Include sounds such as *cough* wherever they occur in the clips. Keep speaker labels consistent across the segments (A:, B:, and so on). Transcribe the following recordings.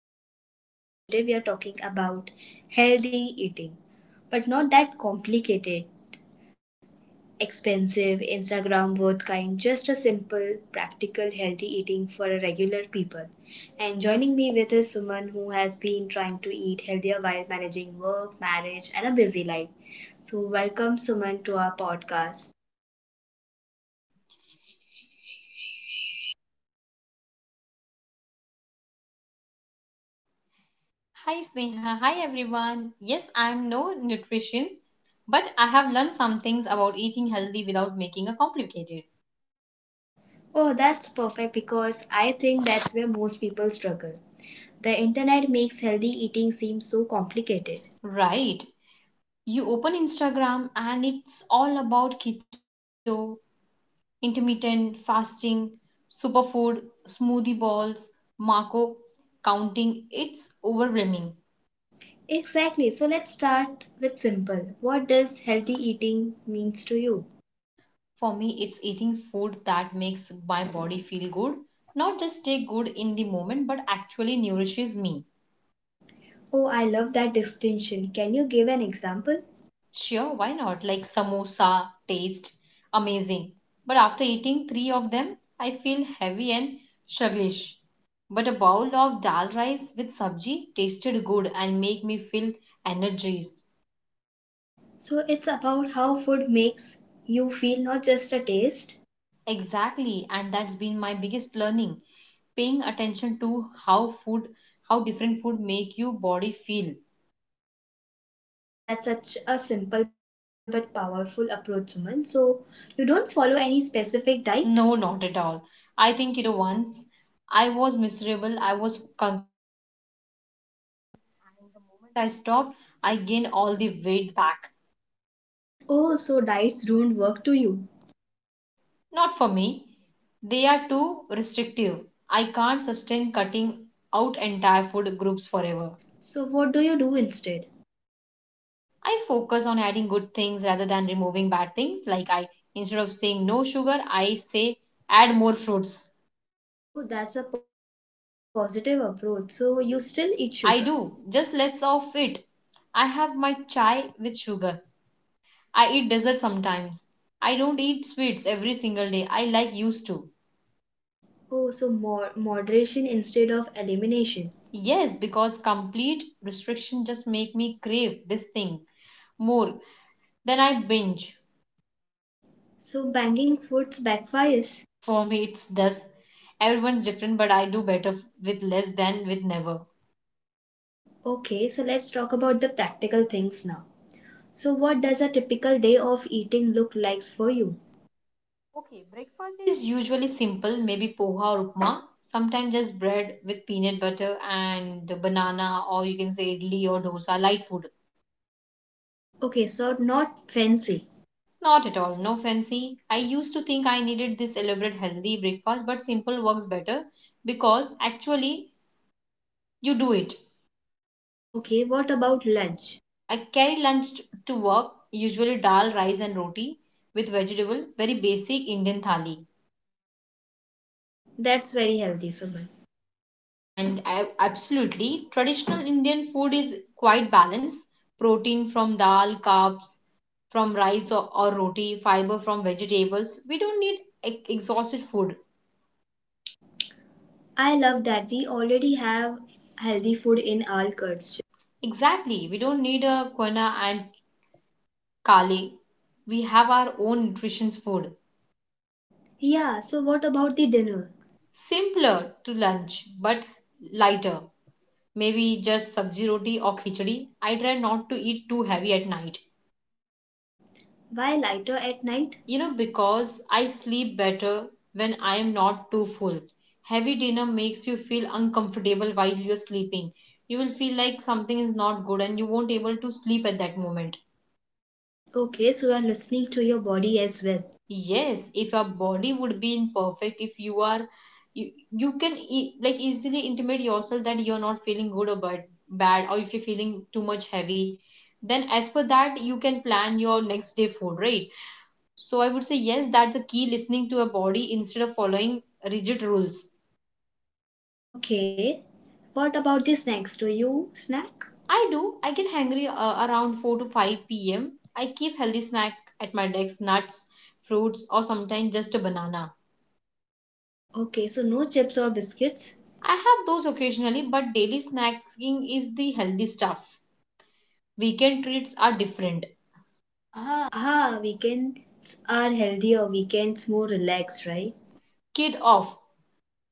A: I'm your host, and today we are talking about healthy eating, but not that complicated, expensive, Instagram worth kind, just a simple, practical, healthy eating for a regular people. And joining me with is Suman, who has been trying to eat healthier while managing work, marriage, and a busy life. So, welcome Suman to our podcast.
B: Hi Sneha, hi everyone. Yes, I'm no nutritionist, but I have learned some things about eating healthy without making a complicated.
A: Oh, that's perfect because I think that's where most people struggle. The internet makes healthy eating seem so complicated.
B: Right. You open Instagram and it's all about keto, intermittent fasting, superfood, smoothie balls, Marco counting. It's overwhelming.
A: Exactly. So let's start with simple. What does healthy eating means to you?
B: For me, it's eating food that makes my body feel good, not just take good in the moment, but actually nourishes me.
A: Oh, I love that distinction. Can you give an example?
B: Sure, why not? Like samosa taste amazing. But after eating three of them, I feel heavy and sluggish. But a bowl of dal rice with sabji tasted good and make me feel energized.
A: So it's about how food makes you feel, not just a taste.
B: Exactly, and that's been my biggest learning, paying attention to how food how different food make your body feel.
A: Okay, that's such a simple but powerful approach, Suman. So you don't follow any specific diet?
B: No, not at all. I think it once I was miserable, and the moment I stopped, I gained all the weight back.
A: Oh, so diets don't work to you.
B: Not for me. They are too restrictive. I can't sustain cutting out entire food groups forever.
A: So what do you do instead?
B: I focus on adding good things rather than removing bad things. Like I, instead of saying no sugar, I say add more fruits.
A: Oh, that's a positive approach. So you still eat sugar?
B: I do. Just let's off it. I have my chai with sugar. I eat dessert sometimes. I don't eat sweets every single day. I like used to.
A: Oh, so more moderation instead of elimination.
B: Yes, because complete restriction just make me crave this thing more. Then I binge.
A: So banging foods backfires.
B: For me, it's does. Everyone's different, but I do better with less than with never.
A: Okay, so let's talk about the practical things now. So what does a typical day of eating look like for you?
B: Okay, breakfast is usually simple, maybe poha or upma. Sometimes just bread with peanut butter and banana, or you can say idli or dosa, light food.
A: Okay, so not fancy.
B: Not at all, no fancy. I used to think I needed this elaborate healthy breakfast, but simple works better because actually you do it.
A: Okay, what about lunch?
B: I carry lunch to work, usually dal, rice, and roti with vegetable, very basic Indian thali.
A: That's very healthy, Suman.
B: And I, absolutely, traditional Indian food is quite balanced protein from dal, carbs from rice or roti, fiber from vegetables. We don't need exhausted food.
A: I love that we already have healthy food in our culture.
B: Exactly, we don't need a quena and kale. We have our own nutrition food.
A: Yeah, so what about the dinner?
B: Simpler to lunch, but lighter. Maybe just sabji roti or khichdi. I try not to eat too heavy at night.
A: Why lighter at night?
B: You know, because I sleep better when I am not too full. Heavy dinner makes you feel uncomfortable while you're sleeping. You will feel like something is not good and you won't able to sleep at that moment.
A: Okay, so I'm listening to your body as well.
B: Yes, if your body would be in perfect, if you are, you can like easily intimate yourself that you're not feeling good or bad, or if you're feeling too much heavy, then as per that, you can plan your next day food, right? So I would say yes, that the key listening to a body instead of following rigid rules.
A: Okay. What about the snacks? Do you snack?
B: I do. I get hungry around 4 to 5 p.m. I keep healthy snack at my desk, nuts, fruits, or sometimes just a banana.
A: Okay, so no chips or biscuits.
B: I have those occasionally, but daily snacking is the healthy stuff. Weekend treats are different. Ah.
A: Ah, weekends are healthier, weekends more relaxed, right?
B: Kid off.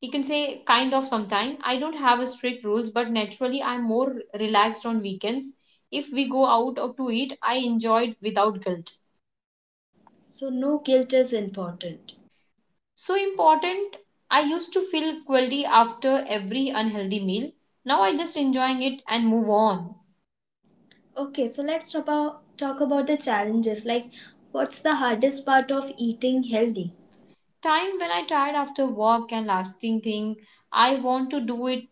B: You can say kind of sometime. I don't have a strict rules, but naturally I'm more relaxed on weekends. If we go out or to eat, I enjoy it without guilt.
A: So no guilt is important.
B: So important. I used to feel guilty after every unhealthy meal. Now I just enjoying it and move on.
A: Okay, so let's talk about the challenges. Like, what's the hardest part of eating healthy?
B: Time when I tired after work and lasting thing, I want to do it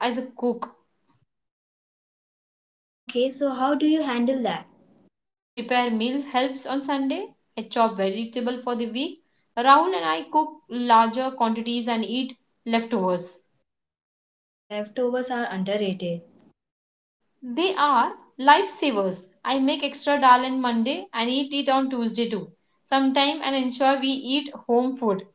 B: as a cook
A: Okay, so how do you handle that?
B: prepare meal helps on Sunday. I chop vegetable for the week. Rahul and I cook larger quantities and eat leftovers.
A: Leftovers are underrated.
B: They are lifesavers. I make extra dal on Monday and eat it on Tuesday too. Sometime and ensure we eat home food.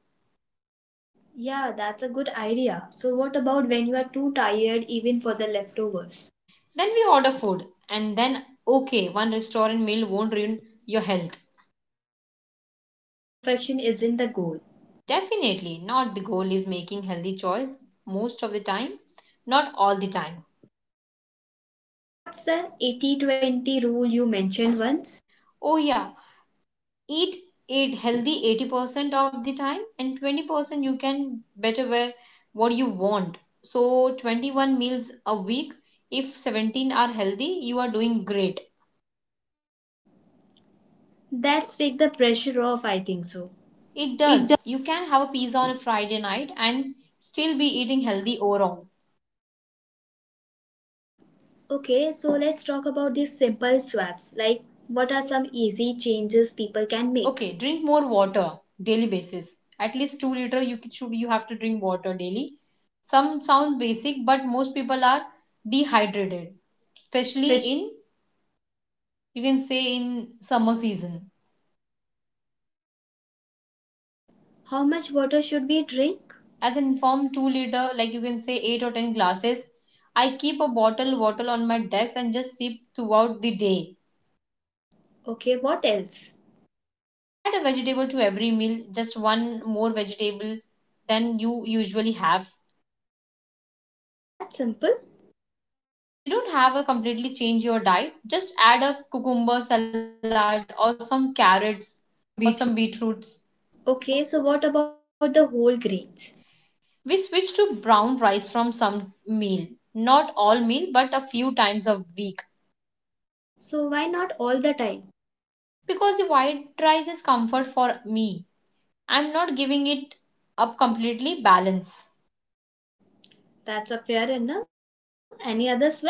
A: Yeah, that's a good idea. So, what about when you are too tired even for the leftovers?
B: Then we order food and then okay, one restaurant meal won't ruin your health.
A: So, perfection isn't the goal.
B: Definitely not the goal is making healthy choice most of the time, not all the time.
A: Okay, so what's the 80/20 rule you mentioned once?
B: Oh yeah, eat it healthy 80% of the time and 20% you can better wear what you want, so 21 meals a week, if 17 are healthy you are doing great.
A: That's take the pressure off, I think so.
B: It does,
A: It d-
B: you can have a pizza on a Friday night and still be eating healthy overall.
A: Okay, so let's talk about these simple swaps. Like, what are some easy changes people can make?
B: Okay, drink more water daily basis, at least 2 liter, you have to drink water daily. Some sound basic but most people are dehydrated, especially in,
A: Fish.
B: you can say in summer season.
A: How much water should we drink?
B: As an informed 2 liter, like you can say 8 or 10 glasses. I keep a bottle water on my desk and just sip throughout the day.
A: Okay, what else?
B: Add a vegetable to every meal, just one more vegetable than you usually have.
A: That's simple.
B: You don't have to completely change your diet, just add a cucumber salad or some carrots or some beetroots.
A: Okay, so what about the whole grains?
B: We switch to brown rice from some meal, not all meal but a few times a week.
A: So, why not all the time?
B: Because the white rice is comfort for me, I'm not giving it up completely. Balance.
A: That's a fair enough. Any other swaps?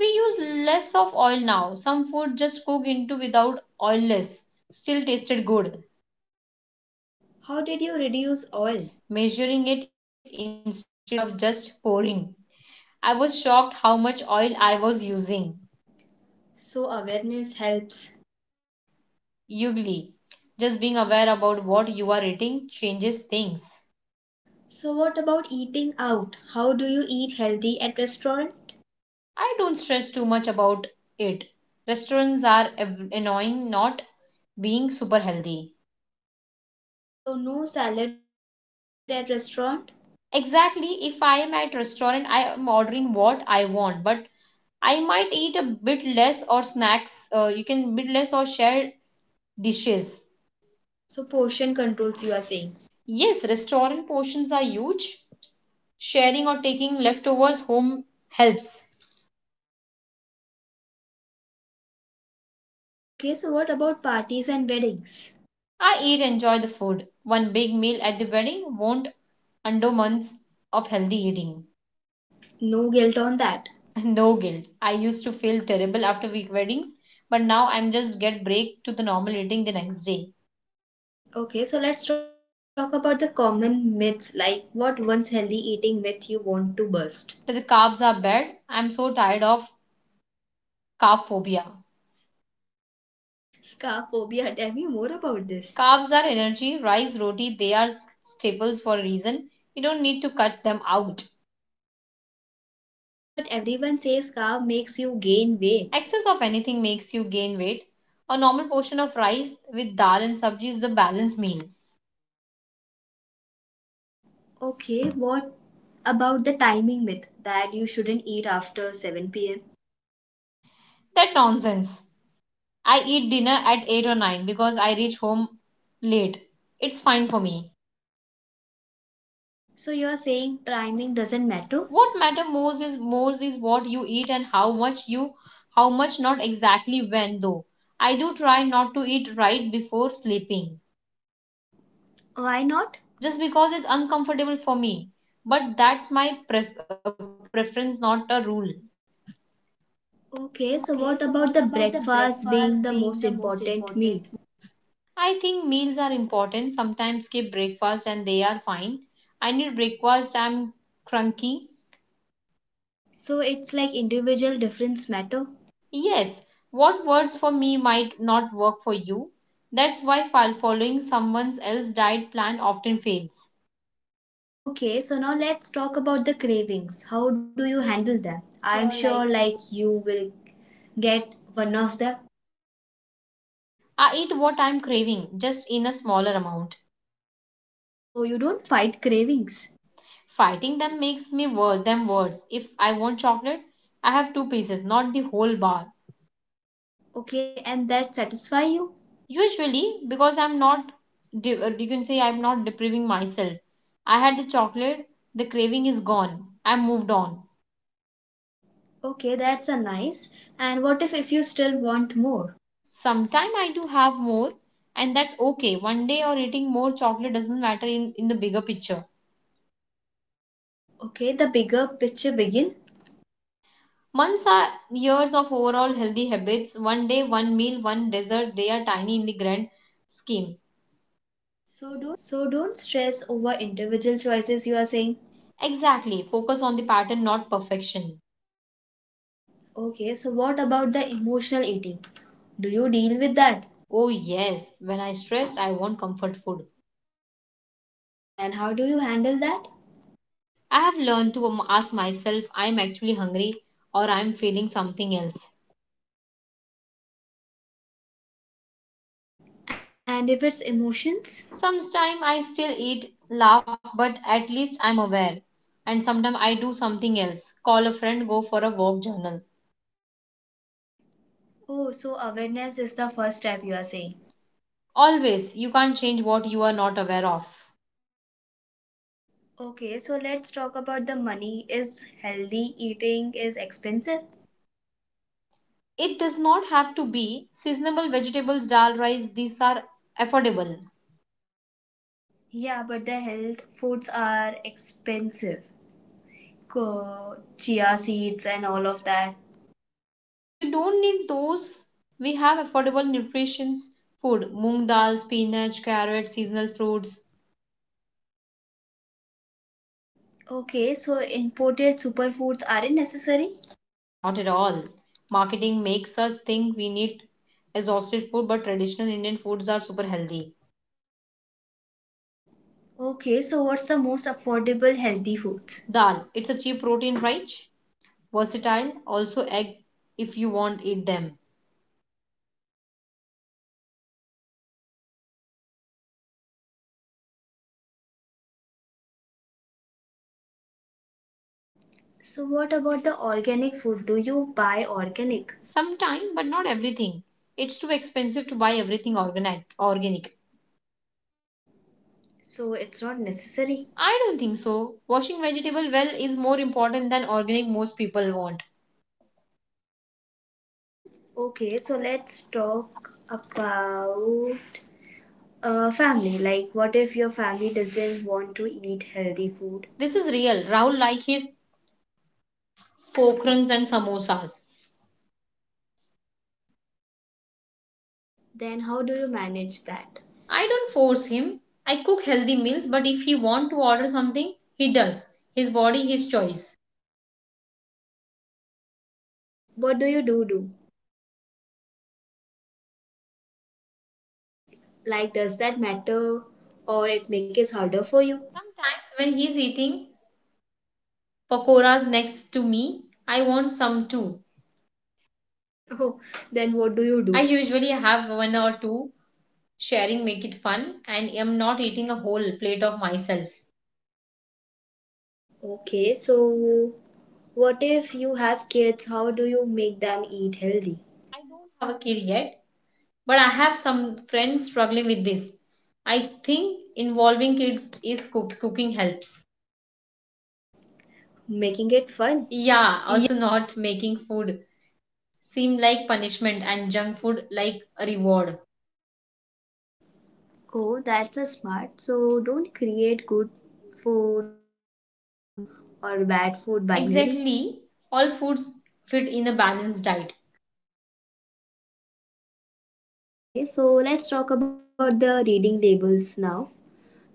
B: We use less of oil now. Some food just cook into without oilless. Still tasted good.
A: How did you reduce oil?
B: Measuring it instead of just pouring. I was shocked how much oil I was using.
A: So, awareness helps.
B: Ugly. Just being aware about what you are eating changes things.
A: So what about eating out? How do you eat healthy at restaurant?
B: I don't stress too much about it. Restaurants are annoying not being super healthy.
A: So no salad at restaurant.
B: Exactly, if I am at restaurant, I am ordering what I want, but I might eat a bit less or snacks. You can bit less or share dishes.
A: So portion controls you are saying.
B: Yes, restaurant portions are huge. Sharing or taking leftovers home helps.
A: Okay, so what about parties and weddings?
B: I eat enjoy the food. One big meal at the wedding won't undo months of healthy eating.
A: No guilt on that.
B: *laughs* No guilt. I used to feel terrible after week weddings, but now I'm just get break to the normal eating the next day.
A: Okay, so let's talk about the common myths, like what once healthy eating myth you want to bust.
B: That the carbs are bad. I'm so tired of carb phobia.
A: Carb phobia, tell me more about this.
B: Carbs are energy, rice, roti, they are staples for a reason. You don't need to cut them out.
A: Okay, but everyone says carb makes you gain weight.
B: Excess of anything makes you gain weight. A normal portion of rice with dal and sabji is the balanced meal.
A: Okay, what about the timing myth that you shouldn't eat after 7 p.m.?
B: That nonsense. I eat dinner at 8 or 9 because I reach home late. It's fine for me.
A: So you're saying timing doesn't matter?
B: What matter most is what you eat and how much you how much, not exactly when, though I do try not to eat right before sleeping,
A: Why not?
B: just because it's uncomfortable for me, but that's my preference, not a rule.
A: Okay, so what about the breakfast being the most important meal?
B: I think meals are important, sometimes skip breakfast and they are fine. I need breakfast, I'm cranky.
A: So it's like individual difference matter?
B: Yes, what works for me might not work for you. That's why following someone else's diet plan often fails.
A: Okay, so now let's talk about the cravings. How do you handle them?
B: I'm
A: I'm
B: sure, like
A: sure
B: you,
A: like you will get one of them.
B: I eat what I'm craving, just in a smaller amount.
A: So you don't fight cravings.
B: Fighting them makes me worse than worse. If I want chocolate, I have two pieces, not the whole bar.
A: Okay, and that satisfy you?
B: Usually, because I'm not, you can say I'm not depriving myself. I had the chocolate, the craving is gone. I moved on.
A: Okay, that's a nice. And what if you still want more?
B: Sometime I do have more, and that's okay. One day or eating more chocolate doesn't matter in the bigger picture.
A: Okay, the bigger picture begin.
B: Months are years of overall healthy habits. One day, one meal, one dessert. They are tiny in the grand scheme. So do.
A: So don't stress over individual choices, you are saying.
B: Exactly. Focus on the pattern, not perfection.
A: Okay, so what about the emotional eating? Do you deal with that?
B: Oh, yes. When I stress, I want comfort food.
A: And how do you handle that?
B: I have learned to ask myself, I'm actually hungry or I'm feeling something else.
A: And if it's emotions?
B: Sometimes I still eat, laugh, but at least I'm aware. And sometimes I do something else. Call a friend, go for a walk, journal.
A: Oh, so awareness is the first step, you are saying.
B: Always, you can't change what you are not aware of.
A: Okay, so let's talk about the money. Is healthy eating is expensive?
B: It does not have to be seasonable vegetables, dal, rice, these are affordable.
A: Yeah, but the health foods are expensive. Co- Chia seeds and all of that.
B: You don't need those. We have affordable nutrition's food, moong dal, spinach, carrot, seasonal fruits.
A: Okay, so imported superfoods aren't necessary?
B: Not at all. Marketing makes us think we need exhausted food, but traditional Indian foods are super healthy.
A: Okay, so what's the most affordable healthy foods?
B: Dal, it's a cheap protein rich, versatile, also egg if you want eat them.
A: So what about the organic food? Do you buy organic?
B: Sometime, but not everything. It's too expensive to buy everything organic. Organic.
A: So it's not necessary.
B: I don't think so. Washing vegetable well is more important than organic most people want.
A: Okay, so let's talk about family. Like, what if your family doesn't want to eat healthy food?
B: This is real. Rahul like his pokrans and samosas.
A: Then how do you manage that?
B: I don't force him. I cook healthy meals, but if he want to order something, he does. His body, his choice.
A: What do you do? Like, does that matter, or it makes it harder for you? *laughs*
B: Sometimes when he's eating pakoras next to me, I want some too.
A: Oh, then what do you
B: I
A: do?
B: usually have one or two. Sharing make it fun, and I'm not eating a whole plate of myself.
A: Okay, so what if you have kids? How do you make them eat healthy?
B: I don't have a kid yet, but I have some friends struggling with this. I think involving kids is cooking helps.
A: Making it fun.
B: Yeah, also not making food seem like punishment and junk food like a reward.
A: Oh, that's a smart. So don't create good food or bad food binary.
B: Exactly, all foods fit in a balanced diet.
A: Oh, okay. So let's talk about the reading labels now.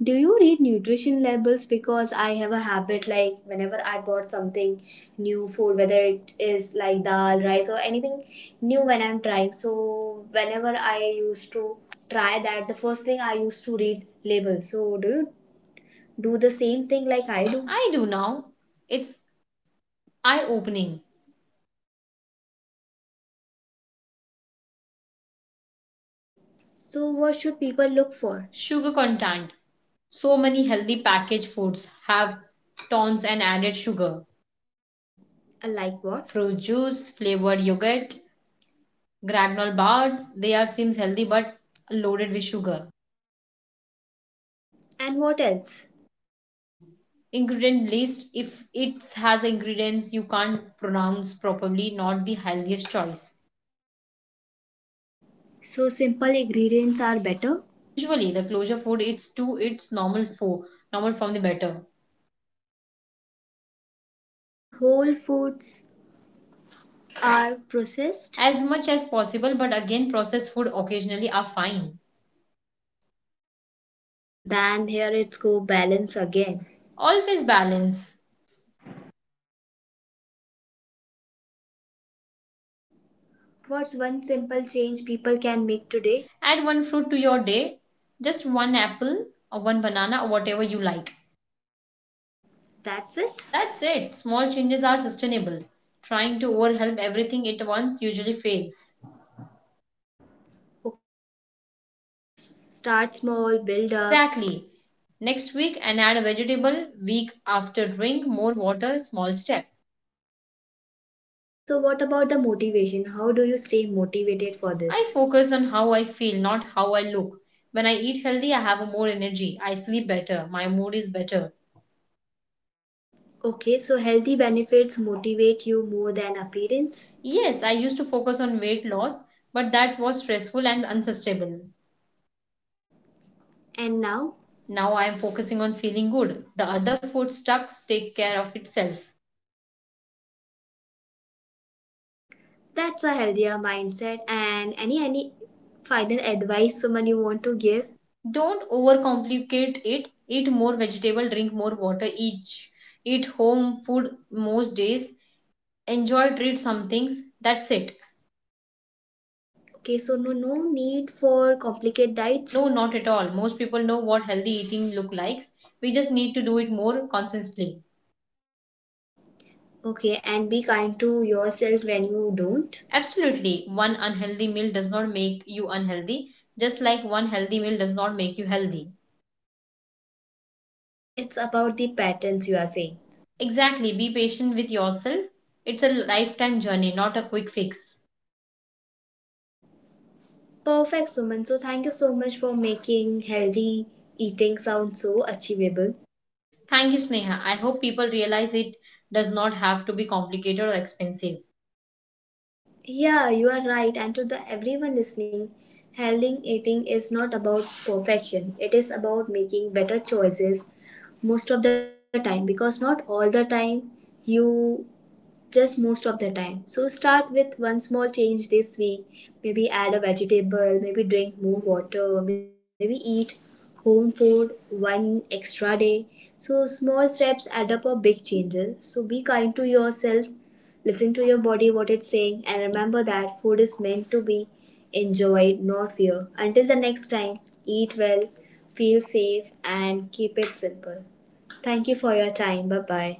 A: Do you read nutrition labels? Because I have a habit like whenever I bought something new food, whether it is like dal, rice, or anything new when I'm trying. So, whenever I used to try that, the first thing I used to read labels. So, do you do the same thing like I do?
B: I do now. It's eye opening.
A: So, what should people look for?
B: Sugar content. So many healthy packaged foods have tons and added sugar.
A: Like what?
B: Fruit juice, flavored yogurt, Granol bars, they are seems healthy but loaded with sugar.
A: And what else?
B: Ingredient list, if it has ingredients you can't pronounce properly, not the healthiest choice.
A: So, simple ingredients are better.
B: Usually, the closure food it's to its normal food, normal from the better.
A: So, whole foods are processed.
B: As much as possible, but again, processed food occasionally are fine.
A: Then here it's go balance again.
B: Always balance.
A: What's one simple change people can make today?
B: Add one fruit to your day, just one apple or one banana or whatever you like.
A: That's it.
B: That's it. Small changes are sustainable. Trying to overwhelm everything at once usually fails.
A: Okay, so start small, build up.
B: Exactly. Next week and add a vegetable. Week after drink more water, small step.
A: Okay, so what about the motivation? How do you stay motivated for
B: I
A: this?
B: focus on how I feel, not how I look. When I eat healthy, I have more energy. I sleep better. My mood is better.
A: Okay, so healthy benefits motivate you more than appearance.
B: Yes, I used to focus on weight loss, but that was stressful and unsustainable.
A: And now
B: Now I am focusing on feeling good. The other food stucks take care of itself.
A: that's a healthier mindset. And any final advice someone you want to give?
B: Don't overcomplicate it. Eat more vegetable, drink more water, eat home food most days, enjoy treat some things. That's it.
A: Okay, so no need for complicated diets.
B: No, not at all. Most people know what healthy eating look like. We just need to do it more consistently.
A: Okay, and be kind to yourself when you don't.
B: Absolutely. One unhealthy meal does not make you unhealthy, just like one healthy meal does not make you healthy.
A: Okay, so it's about the patterns you are saying.
B: Exactly. Be patient with yourself. It's a lifetime journey, not a quick fix.
A: Perfect, Suman. So thank you so much for making healthy eating sound so achievable.
B: Thank you, Sneha. I hope people realize it does not have to be complicated or expensive.
A: Yeah, you are right. And to the everyone listening, healthy eating is not about perfection. It is about making better choices most of the time, because not all the time, you just most of the time. So start with one small change this week. Maybe add a vegetable, maybe drink more water, maybe eat home food one extra day. So small steps add up a big changes. So be kind to yourself, listen to your body what it's saying, and remember that food is meant to be enjoyed, not fear. Until the next time, eat well, feel safe, and keep it simple. Thank you for your time. Bye bye.